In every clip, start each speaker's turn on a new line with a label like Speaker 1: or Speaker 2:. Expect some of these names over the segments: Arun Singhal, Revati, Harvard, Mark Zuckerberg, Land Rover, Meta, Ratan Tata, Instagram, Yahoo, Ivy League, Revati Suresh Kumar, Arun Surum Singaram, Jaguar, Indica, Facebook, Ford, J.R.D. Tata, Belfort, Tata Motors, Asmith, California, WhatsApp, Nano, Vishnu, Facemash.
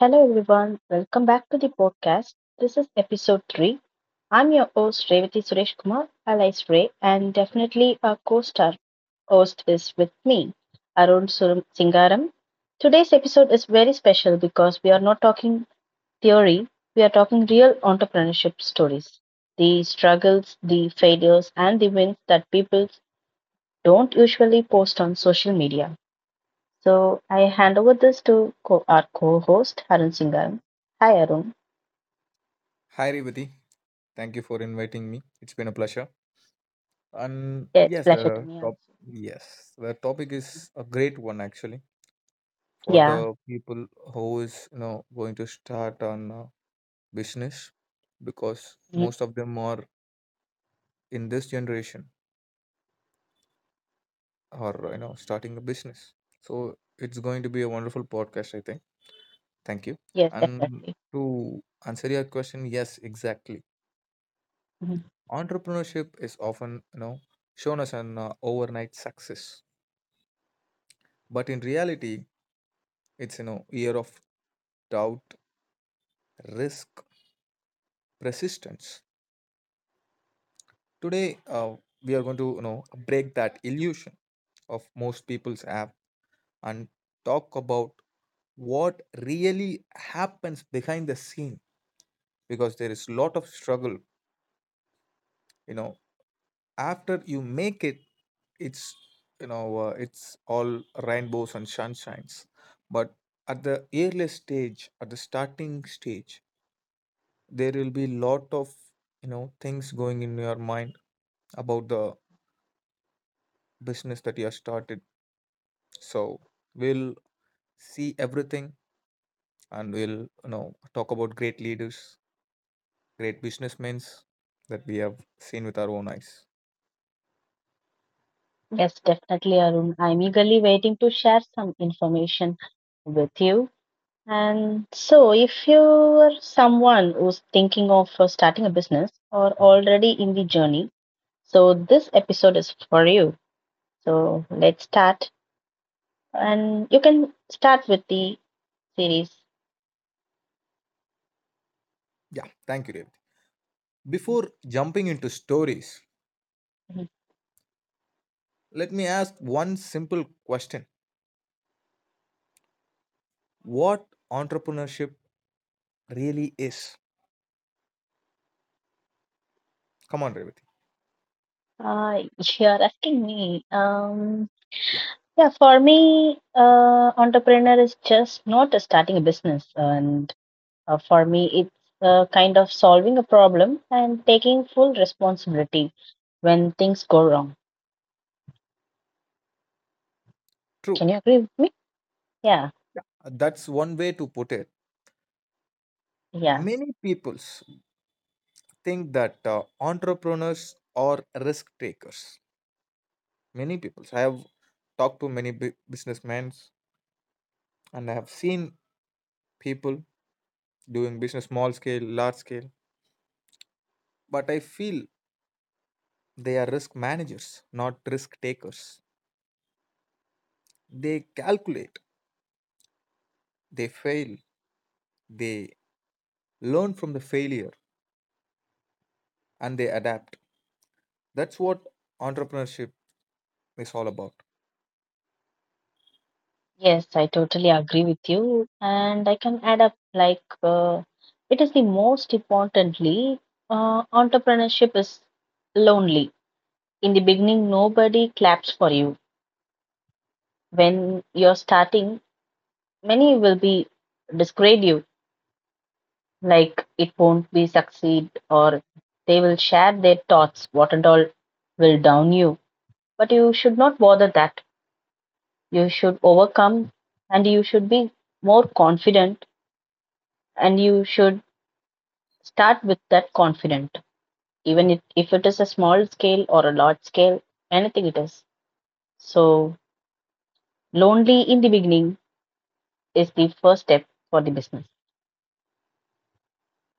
Speaker 1: Hello, everyone. Welcome back to the podcast. This is episode 3. I'm your host, Revati Suresh Kumar, alias Ray, and definitely our co star host is with me, Arun Surum Singaram. Today's episode is very special because we are not talking theory, we are talking real entrepreneurship stories. The struggles, the failures, and the wins that people don't usually post on social media. So I hand over this to our co-host Arun Singhal. Hi, Arun.
Speaker 2: Hi, Revati. Thank you for inviting me. It's been a pleasure. And
Speaker 1: Yeah, it's
Speaker 2: yes,
Speaker 1: pleasure to
Speaker 2: the
Speaker 1: me
Speaker 2: top
Speaker 1: also.
Speaker 2: yes, the topic is a great one, actually, for the
Speaker 1: Yeah.
Speaker 2: people who is going to start on business, because
Speaker 1: Mhm.
Speaker 2: most of them are in this generation or starting a business. So it's going to be a wonderful podcast, I think. Thank you.
Speaker 1: Yes,
Speaker 2: And
Speaker 1: definitely.
Speaker 2: to answer your question, yes, exactly.
Speaker 1: Mhm.
Speaker 2: Entrepreneurship is often shown as an overnight success. But in reality, it's year of doubt, risk, persistence. Today, we are going to break that illusion of most people's app and talk about what really happens behind the scene, because there is a lot of struggle. you know After you make it, it's you know it's all rainbows and sunshines. But at the early stage, at the starting stage, there will be lot of things going in your mind about the business that you have started. So we'll see everything, and we'll talk about great leaders, great businessmen that we have seen with our own eyes.
Speaker 1: Yes, definitely, Arun. I'm eagerly waiting to share some information with you. And so, if you're someone who's thinking of starting a business or already in the journey, so this episode is for you. So let's start, and you can start with the series.
Speaker 2: Yeah, thank you, Revati. Before jumping into stories,
Speaker 1: Mm-hmm.
Speaker 2: let me ask one simple question. What entrepreneurship really is? Come on, Revati.
Speaker 1: Uh, you're asking me.
Speaker 2: Yeah,
Speaker 1: Yeah, for me, entrepreneur is just not starting a business, and for me, it's kind of solving a problem and taking full responsibility when things go wrong.
Speaker 2: true.
Speaker 1: Can you agree with me? Yeah,
Speaker 2: Yeah, that's one way to put it.
Speaker 1: yeah,
Speaker 2: Many peoples think that entrepreneurs are risk takers. Many people. I have talked to many businessmen, and I have seen people doing business, small scale, large scale, but I feel they are risk managers, not risk takers. They calculate, they fail, they learn from the failure, and they adapt. That's what entrepreneurship is all about.
Speaker 1: yes, I totally agree with you, and I can add up like it is the most importantly, entrepreneurship is lonely. In the beginning, nobody claps for you when you're starting, many will be disgrade you, like it won't be succeed, or they will share their thoughts, what and all will down you. But you should not bother that. You should overcome and you should be more confident and you should start with that confident, even if it is a small scale or a large scale, anything it is. So, lonely in the beginning is the first step for the business.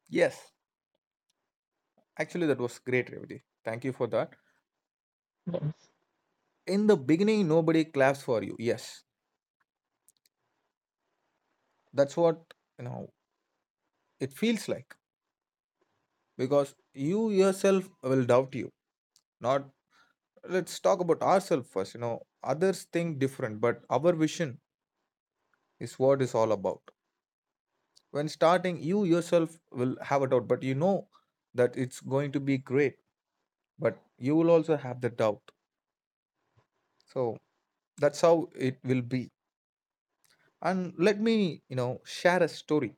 Speaker 2: Yes, actually, that was great, Revati. Thank you for that. In the beginning, nobody claps for you. Yes, that's what you know it feels like, because you yourself will doubt you. Not, let's talk about ourselves first. Others think different, but our vision is what is all about. When starting, you yourself will have a doubt, but you know that it's going to be great, but you will also have the doubt. So that's how it will be. And let me share a story.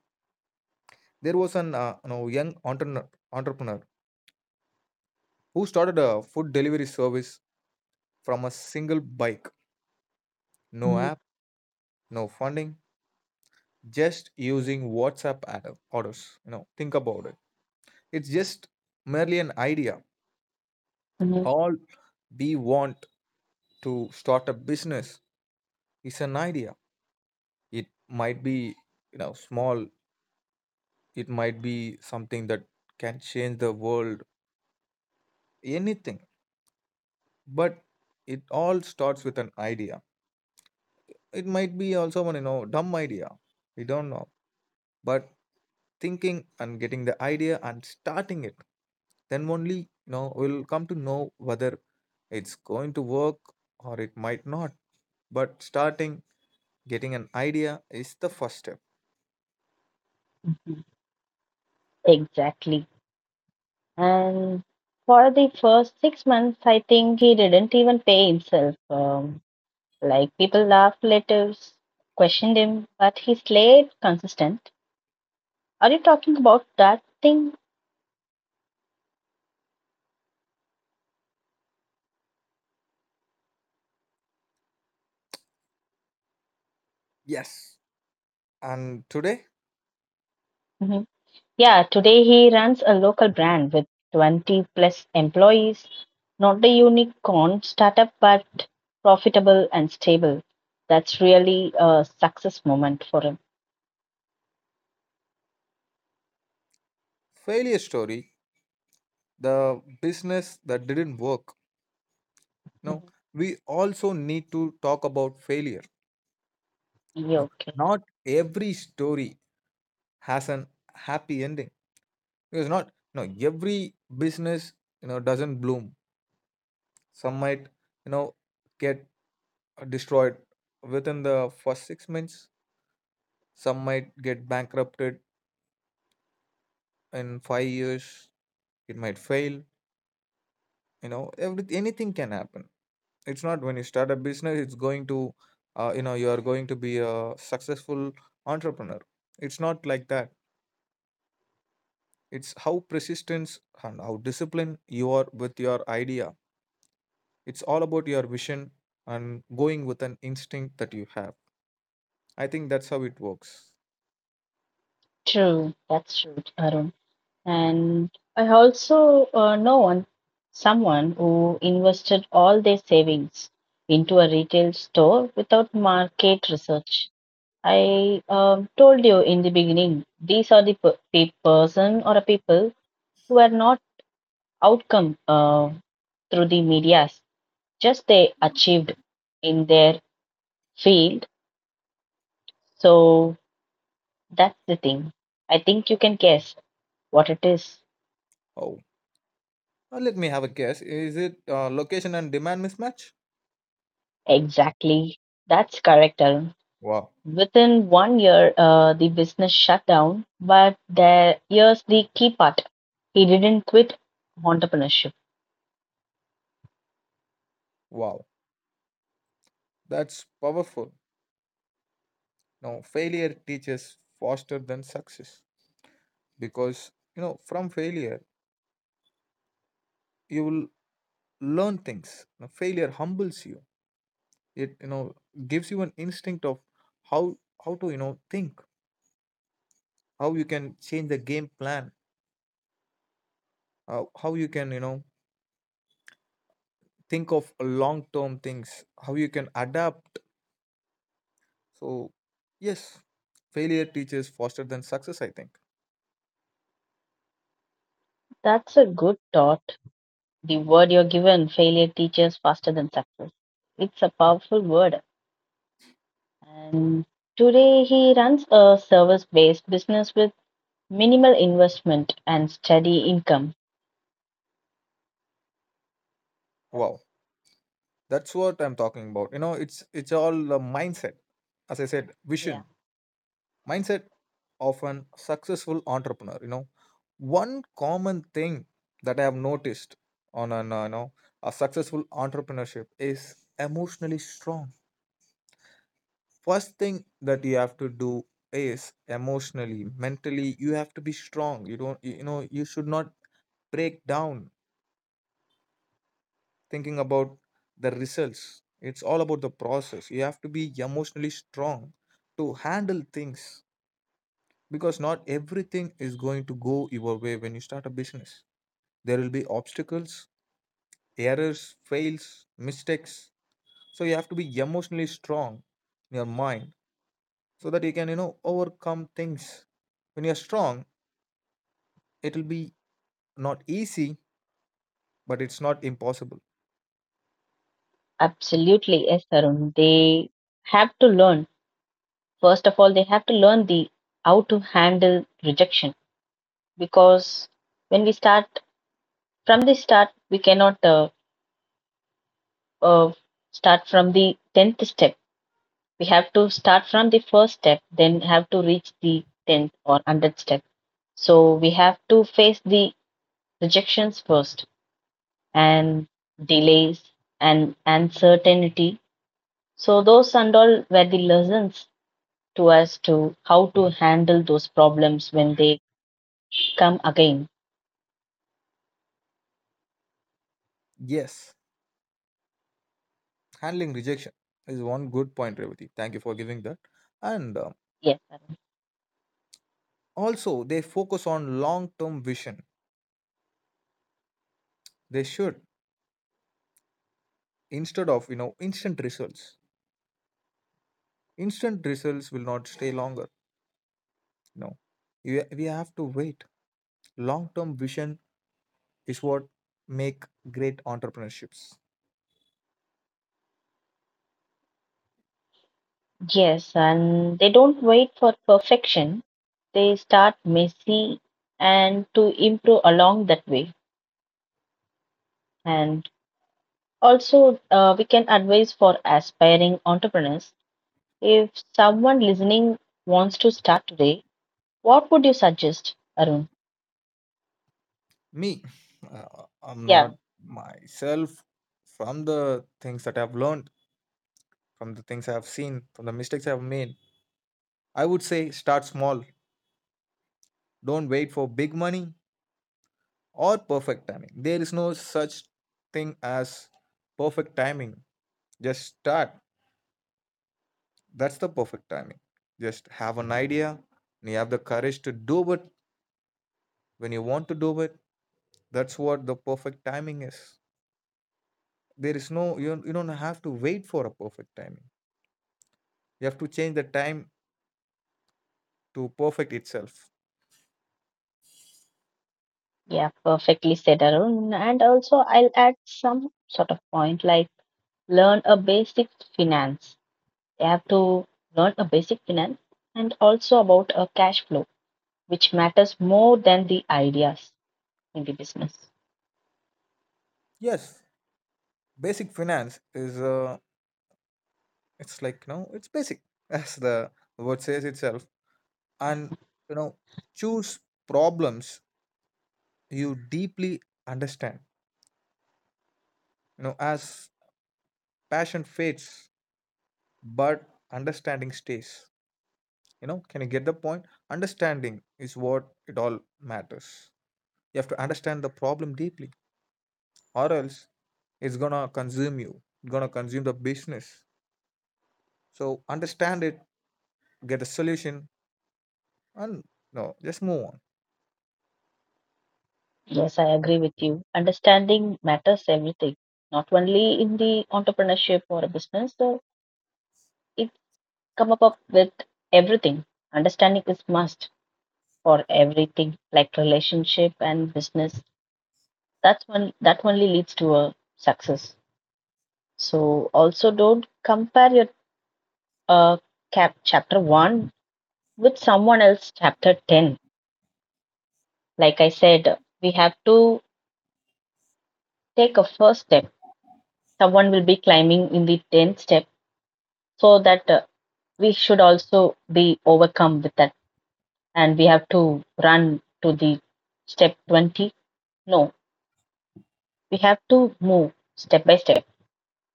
Speaker 2: There was an young entrepreneur who started a food delivery service from a single bike, no app, no funding, just using WhatsApp orders. Think about it. It's just merely an idea.
Speaker 1: Yes.
Speaker 2: All we want to start a business is an idea. It might be, small. It might be something that can change the world, anything. But it all starts with an idea. It might be also one, dumb idea. We don't know. But thinking and getting the idea and starting it, then only we'll come to know whether it's going to work, or it might not. But starting, getting an idea is the first step.
Speaker 1: Exactly. And for the first 6 months, I think he didn't even pay himself. Like people laughed, relatives questioned him, but he stayed consistent. Are you talking about that thing?
Speaker 2: Yes. And today,
Speaker 1: Hmm. Yeah, today he runs a local brand with 20 plus employees. Not a unicorn startup, but profitable and stable. That's really a success moment for him.
Speaker 2: failure story, the business that didn't work. No,
Speaker 1: Mhm.
Speaker 2: we also need to talk about failure.
Speaker 1: Yeah,
Speaker 2: No,
Speaker 1: okay.
Speaker 2: not every story has an happy ending, because not, no, every business doesn't bloom. Some might, you know, get destroyed within the first 6 months. Some might get bankrupted in 5 years. It might fail. Every anything can happen. It's not, when you start a business, it's going to, you are going to be a successful entrepreneur. It's not like that. It's how persistence and how disciplined you are with your idea. It's all about your vision and going with an instinct that you have. I think that's how it works.
Speaker 1: True. That's true, Arun. And I also know one, someone who invested all their savings into a retail store without market research. I told you in the beginning, these are the person or a people who are not outcome through the medias, just they achieved in their field. So that's the thing. I think you can guess what it is
Speaker 2: Oh. Let me have a guess. Is it location and demand mismatch?
Speaker 1: exactly. That's correct, Arun.
Speaker 2: Wow,
Speaker 1: Within one year, the business shut down, but there, here's the key part. He didn't quit entrepreneurship.
Speaker 2: wow, that's powerful. No, failure teaches faster than success, because from failure you will learn things. Now, failure humbles you. It gives you an instinct of how how to think, how you can change the game plan, how you can think of long term things, how you can adapt. So yes, failure teaches faster than success. I think.
Speaker 1: That's a good thought. The word you're given, failure teaches faster than success. It's a powerful word. And today he runs a service-based business with minimal investment and steady income.
Speaker 2: Wow. That's what I'm talking about. It's all a mindset. As I said,
Speaker 1: Yeah,
Speaker 2: vision, mindset of an successful entrepreneur. One common thing that I have noticed on an you know a successful entrepreneurship is emotionally strong. First thing that you have to do is emotionally, mentally, you have to be strong. You don't, you should not break down thinking about the results. It's all about the process. You have to be emotionally strong to handle things, because not everything is going to go your way when you start a business. There will be obstacles, errors, fails, mistakes. So you have to be emotionally strong in your mind, so that you can, overcome things. When you're strong, it'll be not easy, but it's not impossible.
Speaker 1: absolutely, yes, Arun. They have to learn. First of all, they have to learn the how to handle rejection because when we start from the start, we cannot uh, start from the 10th step. We have to start from the first step, then have to reach the 10th or 100th step. So we have to face the rejections first and delays and uncertainty. So those and all were the lessons to us to how to handle those problems when they come again.
Speaker 2: Yes, handling rejection is one good point, Revati. Thank you for giving that. And
Speaker 1: Yes, Arun.
Speaker 2: also, they focus on long term vision. They should, instead of instant results, instant results will not stay longer. you know we have to wait. Long term vision is what make great entrepreneurships.
Speaker 1: Yes, and they don't wait for perfection. They start messy and to improve along that way. And also, we can advise for aspiring entrepreneurs. If someone listening wants to start today, what would you suggest, Arun?
Speaker 2: Me, uh, I'm
Speaker 1: Yeah,
Speaker 2: not myself. From the things that I've learned, from the things I've seen, from the mistakes I've made, I would say, start small. Don't wait for big money or perfect timing. There is no such thing as perfect timing. Just start. That's the perfect timing. Just have an idea, and you have the courage to do it when you want to do it. That's what the perfect timing is. There is no, you don't have to wait for a perfect timing. You have to change the time to perfect itself.
Speaker 1: yeah, perfectly said, Arun. And also, I'll add some sort of point like learn a basic finance. You have to learn a basic finance and also about a cash flow which matters more than the ideas in the business.
Speaker 2: Yes, basic finance is, it's like, it's basic as the word says itself. And, you know, choose problems you deeply understand. As passion fades, but understanding stays. Can you get the point? Understanding is what it all matters. You have to understand the problem deeply, or else it's gonna consume you. It's gonna consume the business. So understand it, get a solution, and no, just move on.
Speaker 1: Yes, I agree with you. Understanding matters everything, not only in the entrepreneurship or a business. So it come up with everything. Understanding is must for everything, like relationship and business. That's one that only leads to a success. So also don't compare your uh, cap chapter one with someone else chapter 10. Like I said, we have to take a first step, someone will be climbing in the 10th step, so that we should also be overcome with that and we have to run to the step 20, no, we have to move step by step,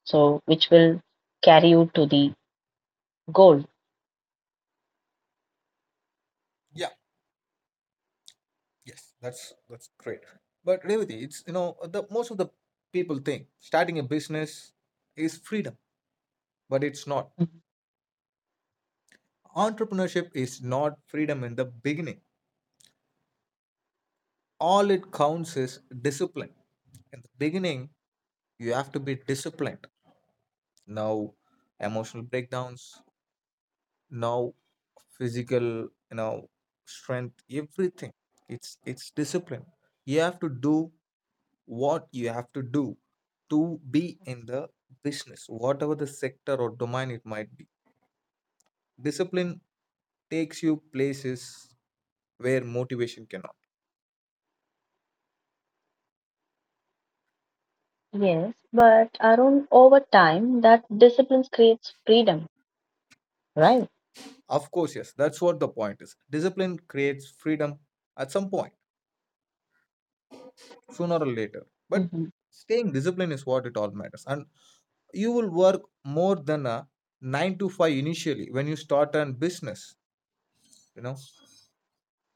Speaker 1: so which will carry you to the goal.
Speaker 2: Yeah, yes, that's great. But Revati, it's you know the most of the people think starting a business is freedom, but it's not. Entrepreneurship is not freedom in the beginning. All it counts is discipline. In the beginning, you have to be disciplined. No emotional breakdowns, no physical, you know, strength, everything. It's discipline. You have to do what you have to do to be in the business, whatever the sector or domain it might be. Discipline takes you places where motivation cannot.
Speaker 1: Yes, but Arun, over time, that discipline creates freedom. Right.
Speaker 2: Of course, yes. That's what the point is. Discipline creates freedom at some point, sooner or later. But
Speaker 1: Mhm.
Speaker 2: staying disciplined is what it all matters. And you will work more than a 9 to 5 initially when you start a business. You know,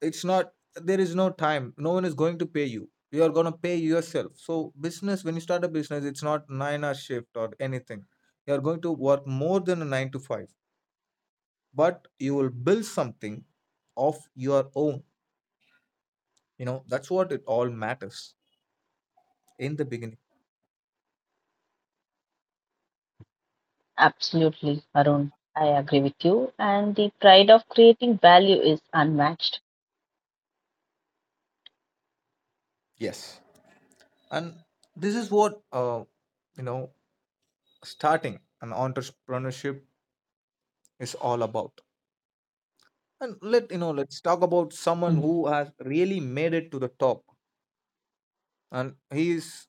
Speaker 2: it's not, there is no time. No one is going to pay you. You are going to pay yourself. So, business, when you start a business, it's not 9-hour shift or anything. You are going to work more than a 9 to 5, but you will build something of your own. That's what it all matters in the beginning.
Speaker 1: Absolutely, Arun, I agree with you, and the pride of creating value is unmatched.
Speaker 2: Yes. And this is what you know starting an entrepreneurship is all about. And let's talk about someone who has really made it to the top, and he is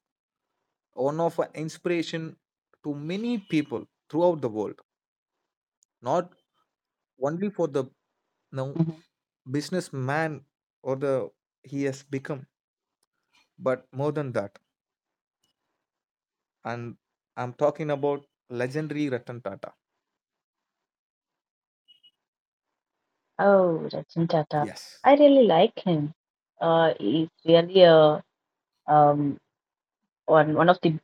Speaker 2: one of an inspiration to many people throughout the world, not only for the know,
Speaker 1: Mhm.
Speaker 2: businessman or the he has become, but more than that. And I'm talking about legendary Ratan Tata.
Speaker 1: Oh, Ratan Tata.
Speaker 2: Yes.
Speaker 1: I really like him. He's really a um one of the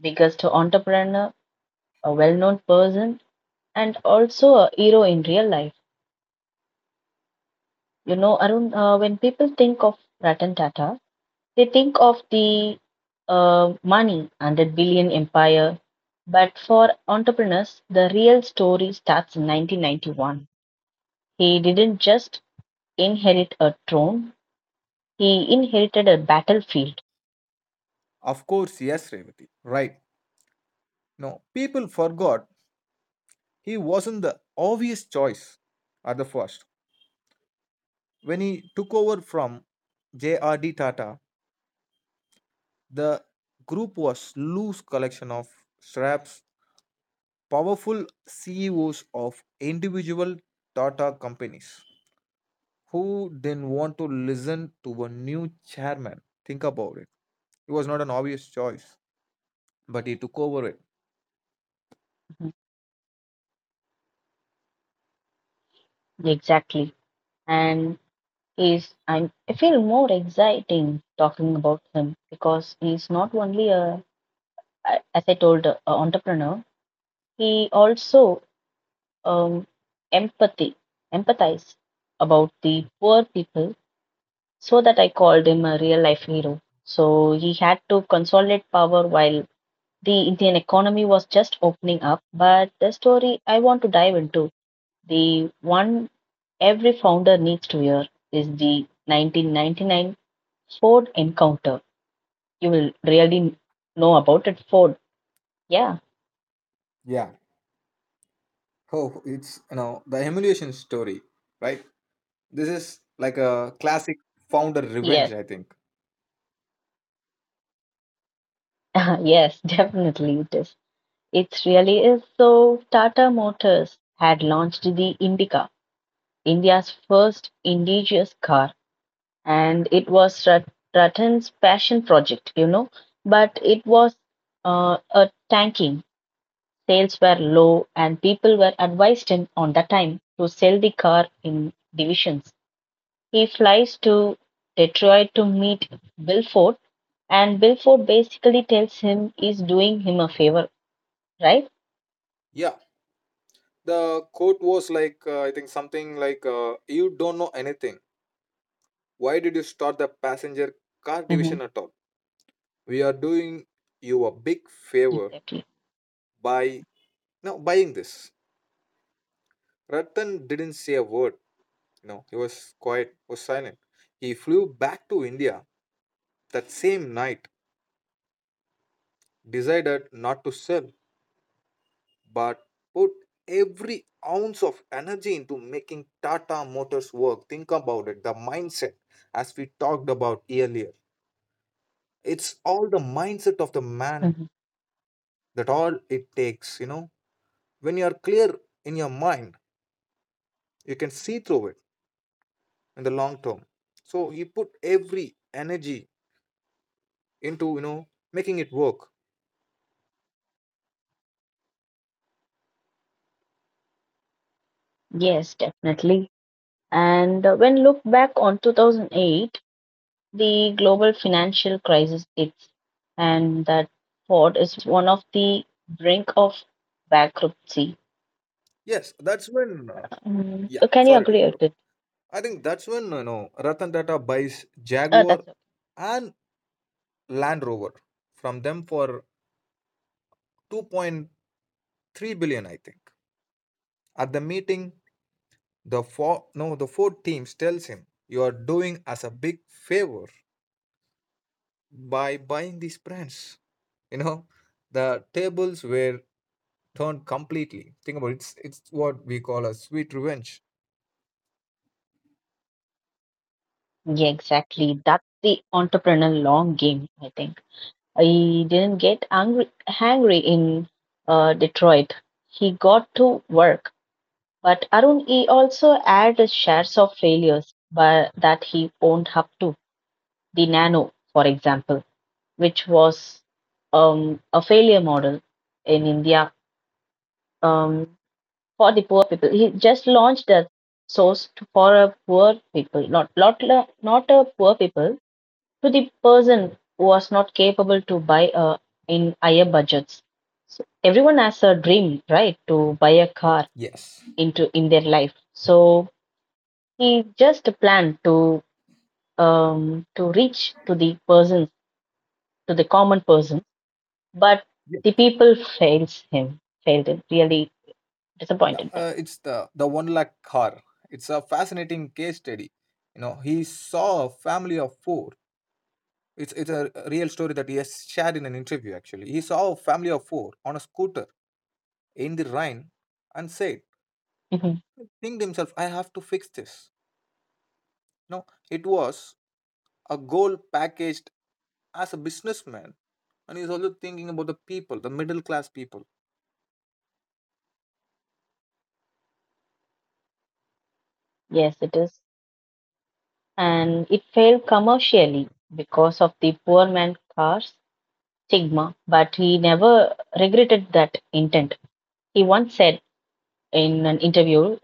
Speaker 1: biggest entrepreneur, a well-known person, and also a hero in real life. You know, Arun, when people think of Ratan Tata, they think of the money and the billion empire. But for entrepreneurs, the real story starts in 1991. He didn't just inherit a throne; he inherited a battlefield.
Speaker 2: Of course, yes, Revati. Right. No, people forgot he wasn't the obvious choice at the first. When he took over from J.R.D. Tata, the group was loose collection of straps, powerful CEOs of individual Tata companies who didn't want to listen to a new chairman. Think about it. It was not an obvious choice, but he took over it.
Speaker 1: Exactly. And is I'm I feel more exciting talking about him because he's not only as I told a entrepreneur, he also um empathy empathize about the poor people, so that I called him a real life hero. So he had to consolidate power while the Indian economy was just opening up, but the story I want to dive into the one every founder needs to hear is the 1999 Ford encounter. You will really know about it, Ford. Yeah,
Speaker 2: Yeah. Oh, it's the emulation story, right? This is like a classic founder revenge,
Speaker 1: yes,
Speaker 2: I think.
Speaker 1: yes, definitely it is. It really is. So, Tata Motors had launched the Indica, India's first indigenous car, and it was Ratan passion project, you know, but it was a tanking. Sales were low and people were advised in on the time to sell the car in divisions. He flies to Detroit to meet Belfort and Belfort basically tells him he's doing him a favor, right?
Speaker 2: Yeah, the quote was like, I think something like, you don't know anything. Why did you start the passenger car
Speaker 1: Mm-hmm.
Speaker 2: division at all? We are doing you a big favor
Speaker 1: Exactly.
Speaker 2: by now buying this. Ratan didn't say a word. He was quiet, was silent. He flew back to India that same night, decided not to sell, but put every ounce of energy into making Tata Motors work. Think about it, the mindset, as we talked about earlier. It's all the mindset of the man
Speaker 1: Mhm.
Speaker 2: that all it takes. When you are clear in your mind, you can see through it in the long term. So he put every energy into, making it work.
Speaker 1: Yes, definitely. And when look back on 2008, the global financial crisis hits, and that Ford is one of the brink of bankruptcy.
Speaker 2: Yes, that's when,
Speaker 1: Mm.
Speaker 2: yeah,
Speaker 1: Can you
Speaker 2: sorry to
Speaker 1: agree with
Speaker 2: interrupt.
Speaker 1: it?
Speaker 2: I think
Speaker 1: Mhm.
Speaker 2: that's when, you know, Ratan Tata buys
Speaker 1: That's
Speaker 2: Jaguar
Speaker 1: okay.
Speaker 2: and Land Rover from them for 2.3 billion, I think. At the meeting, the four no the Ford teams tells him, "You are doing us a big favor by buying these brands." You know, the tables were turned completely. Think about it. It's what we call a sweet revenge.
Speaker 1: Yeah, exactly. That's the entrepreneurial long game, I think. He didn't get angry, hangry in Detroit. He got to work. But Arun, he also had his shares of failures but that he owned up to. The Nano, for example, which was a failure model in India um, for the poor people. He just launched a source to, for a poor people, not a poor people, to the person who was not capable to buy in higher budgets. So everyone has a dream, right, to buy a car
Speaker 2: Yes.
Speaker 1: into in their life. So he just planned to reach to the person, to the common person, but
Speaker 2: Yeah,
Speaker 1: the people fails him, failed him, really
Speaker 2: yeah,
Speaker 1: disappointed them.
Speaker 2: it's the 1 lakh car. It's a fascinating case study. You know, he saw a family of four. It's a real story that he has shared in an interview actually. He saw a family of four on a scooter in the rain and said,
Speaker 1: Mhm.
Speaker 2: think to himself, "I have to fix this." No, it was a goal packaged as a businessman, and he's also thinking about the people, the middle class people.
Speaker 1: Yes, it is, and it failed commercially because of the poor man cars stigma, but he never regretted that intent. He once said in an interview,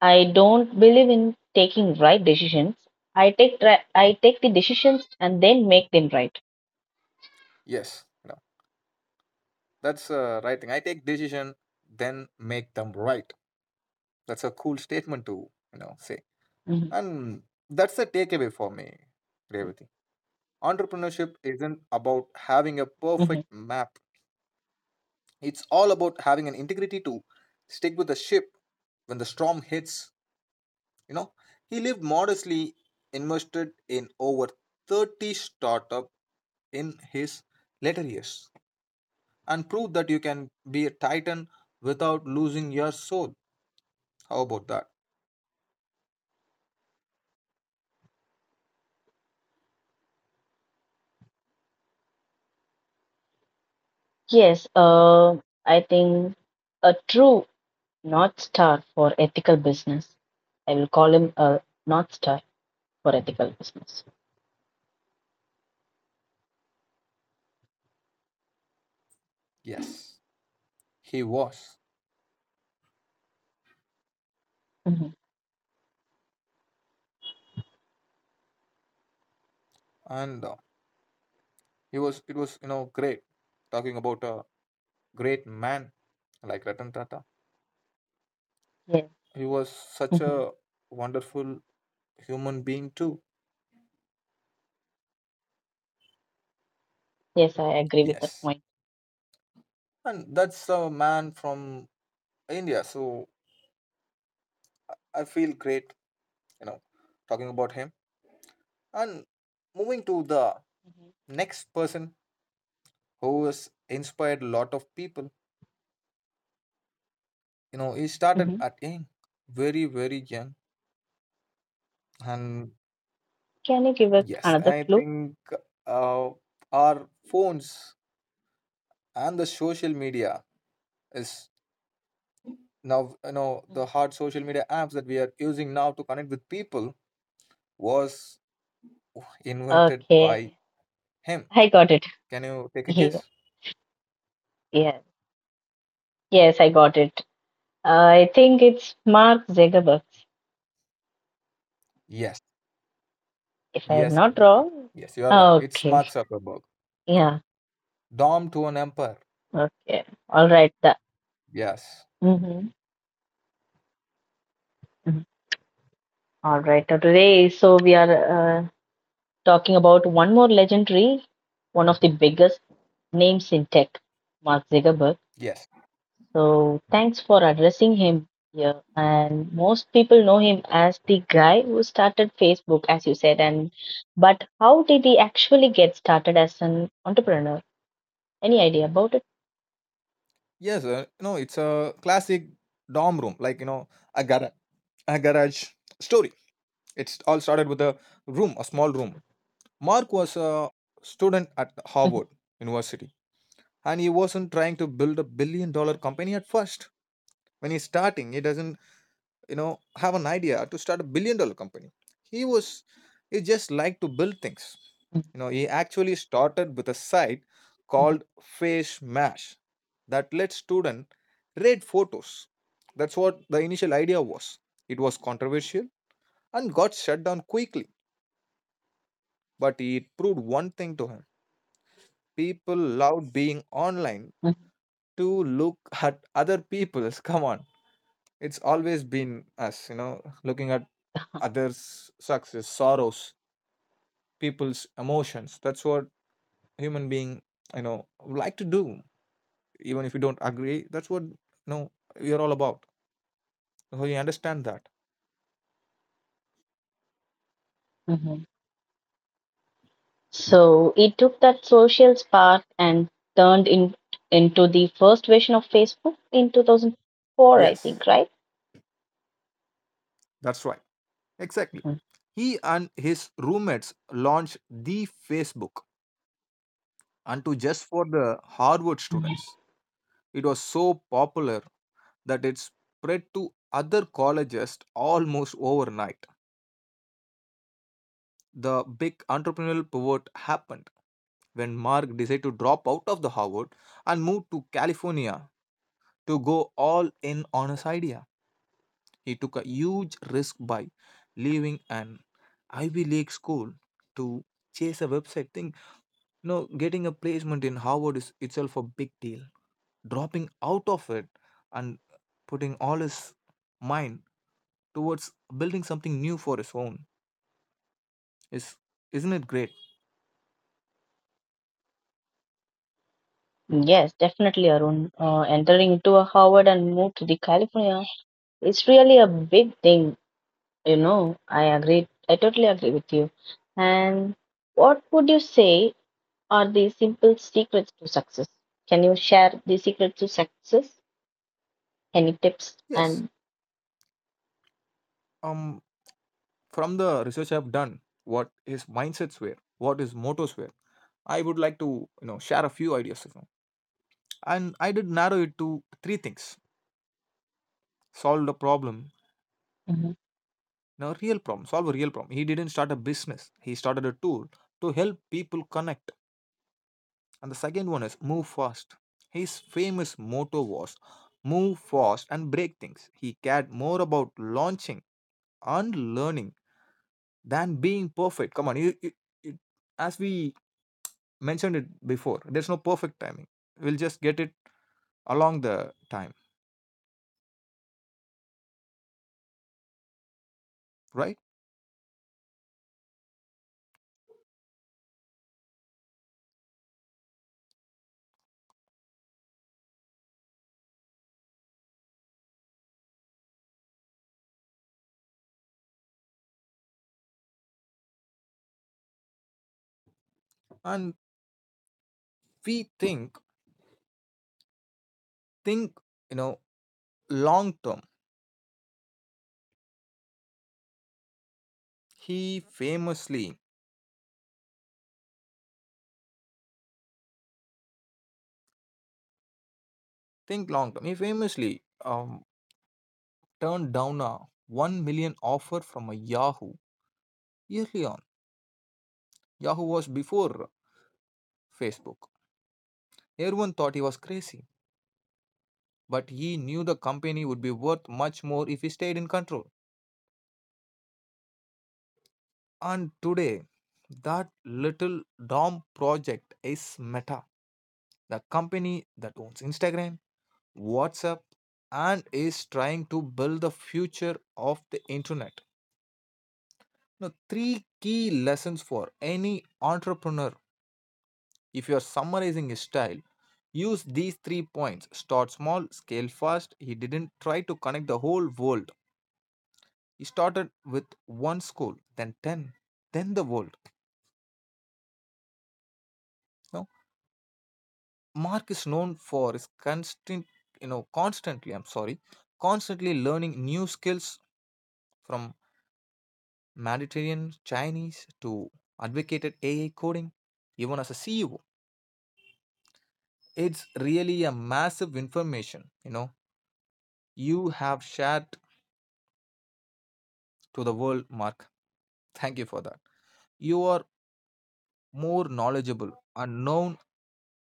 Speaker 1: I don't believe in taking right decisions. I take I take the decisions and then make them right.
Speaker 2: Yes, no, that's right thing. I take decision, then make them right. That's a cool statement to say,
Speaker 1: Mhm,
Speaker 2: and that's the takeaway for me, Revati. Entrepreneurship isn't about having a
Speaker 1: mhm.
Speaker 2: perfect map, it's all about having an integrity to stick with the ship when the storm hits. You know, he lived modestly, invested in over 30 startup in his later years, and proved that you can be a titan without losing your soul. How about that?
Speaker 1: Yes, uh, I think a true North Star for ethical business. I will call him a North Star for ethical business.
Speaker 2: Yes, he was,
Speaker 1: Hmm.
Speaker 2: and he was. It was, you know, great talking about a great man like Ratan Tata.
Speaker 1: Yes.
Speaker 2: He was such
Speaker 1: Hmm.
Speaker 2: a wonderful human being too.
Speaker 1: Yes, I agree with that
Speaker 2: Yes,
Speaker 1: point.
Speaker 2: and that's a man from India, so I feel great, you know, talking about him and moving to the next person who has inspired a lot of people. You know, he started
Speaker 1: Hmm.
Speaker 2: at young, very young, and
Speaker 1: Can you give us
Speaker 2: yes,
Speaker 1: another
Speaker 2: I
Speaker 1: clue?
Speaker 2: think uh, our phones and the social media is now, you know, the
Speaker 1: Mhm.
Speaker 2: hard social media apps that we are using now to connect with people was invented
Speaker 1: Okay,
Speaker 2: by him.
Speaker 1: I got it.
Speaker 2: Can you take a
Speaker 1: Yeah,
Speaker 2: guess?
Speaker 1: yeah. Yes, I got it. I think it's Mark Zuckerberg,
Speaker 2: Yes,
Speaker 1: if I am
Speaker 2: yes,
Speaker 1: not
Speaker 2: Revathi.
Speaker 1: wrong.
Speaker 2: Yes, you are right. It's
Speaker 1: Okay.
Speaker 2: Mark Zuckerberg,
Speaker 1: Yeah.
Speaker 2: dom to an empire.
Speaker 1: Okay. All right. The,
Speaker 2: Yes,
Speaker 1: mhm. Mhm. All right. Now today, so we are talking about one more legendary, one of the biggest names in tech, Mark Zuckerberg.
Speaker 2: yes,
Speaker 1: So thanks for addressing him here. And most people know him as the guy who started Facebook, as you said. And but how did he actually get started as an entrepreneur? Any idea about it?
Speaker 2: yes, you know, it's a classic dom room, like, you know, a garage, a garage story. It's all started with a room, a small room. Mark was a student at
Speaker 1: Mm-hmm.
Speaker 2: Harvard University, and he wasn't trying to build a billion dollar company at first. When he's starting, he doesn't, you know, have an idea to start a billion dollar company. He was he just liked to build things, you know. He actually started with a site called Face Mash that let students rate photos. That's what the initial idea was. It was controversial and got shut down quickly, but it proved one thing to him: people loved being online to look at other people's come on. It's always been us, you know, looking at others' success, sorrows, people's emotions. That's what human being, you know, like to do. Even if you don't agree, that's what, you know, you're all about. So you understand that.
Speaker 1: Mhm. So it took that social spark and turned in, into the first version of Facebook in 2004, I
Speaker 2: Yes,
Speaker 1: think, right?
Speaker 2: that's right. Exactly.
Speaker 1: Mhm.
Speaker 2: He and his roommates launched the Facebook and to just for the Harvard students. It was so popular that it spread to other colleges almost overnight. The big entrepreneurial pivot happened when Mark decided to drop out of the Harvard and move to California to go all in on his idea. He took a huge risk by leaving an Ivy League school to chase a website thing. You know, getting a placement in Harvard is itself a big deal. Dropping out of it and putting all his mind towards building something new for his own, is isn't it great?
Speaker 1: Mhm. Yes, definitely, Arun. Entering into a Harvard and move to the California is really a big thing. You know, I agree. I totally agree with you. And what would you say are the simple secrets to success? Can you share the secret to success? Any tips
Speaker 2: Yes.
Speaker 1: and?
Speaker 2: Um from the research I've done, what his mindsets were, what his mottos were, I would like to, you know, share a few ideas. You know. And I did narrow it to three things: solve the problem, no real problem, solve a real problem. He didn't start a business; he started a tool to help people connect. And the second one is move fast. His famous motto was move fast and break things. He cared more about launching and learning than being perfect. Come on, you- as we mentioned it before, there's no perfect timing. We'll just get it along the time, right? And we think, think you know, long term. He famously think long term. He famously turned down a 1 million offer from a Yahoo early on. Yahoo was before Facebook. Everyone thought he was crazy, but he knew the company would be worth much more if he stayed in control. And today that little dom project is Meta, the company that owns Instagram, WhatsApp, and is trying to build the future of the internet. Now, three key lessons for any entrepreneur. If you are summarizing his style, use these three points. Start small, scale fast. He didn't try to connect the whole world. He started with one school, then 10, then the world. Now, Mark is known for his constant, you know, constantly learning new skills, from Mediterranean Chinese to advocated AI coding, even as a CEO. It's really a massive information, you know, you have shared to the world, Mark. Thank you for that. You are more knowledgeable and known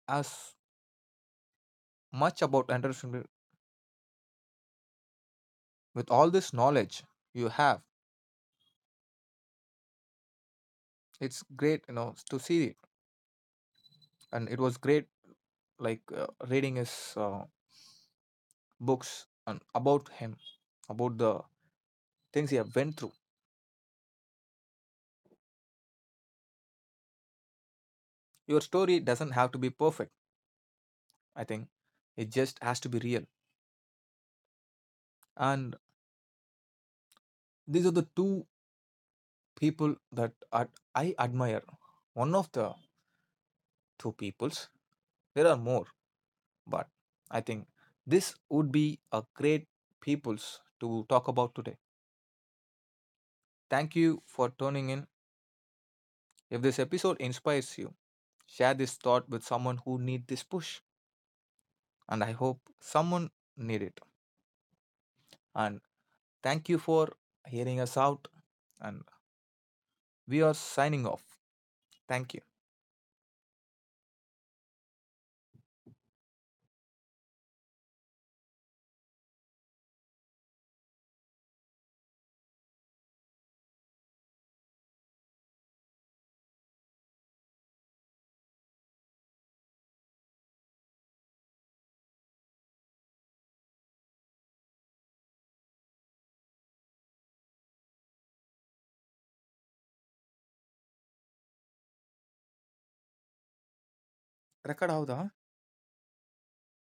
Speaker 2: as much about entrepreneurship with all this knowledge you have. It's great, you know, to see it. And it was great, like, reading his books and about him, about the things he have went through. Your story doesn't have to be perfect. I think it just has to be real. And these are the two people that I admire. One of the two peoples. There are more, but I think this would be a great peoples to talk about today. Thank you for tuning in. If this episode inspires you, share this thought with someone who need this push, and I hope someone need it. And thank you for hearing us out. And we are signing off. Thank you. Record ಹೌದಾ.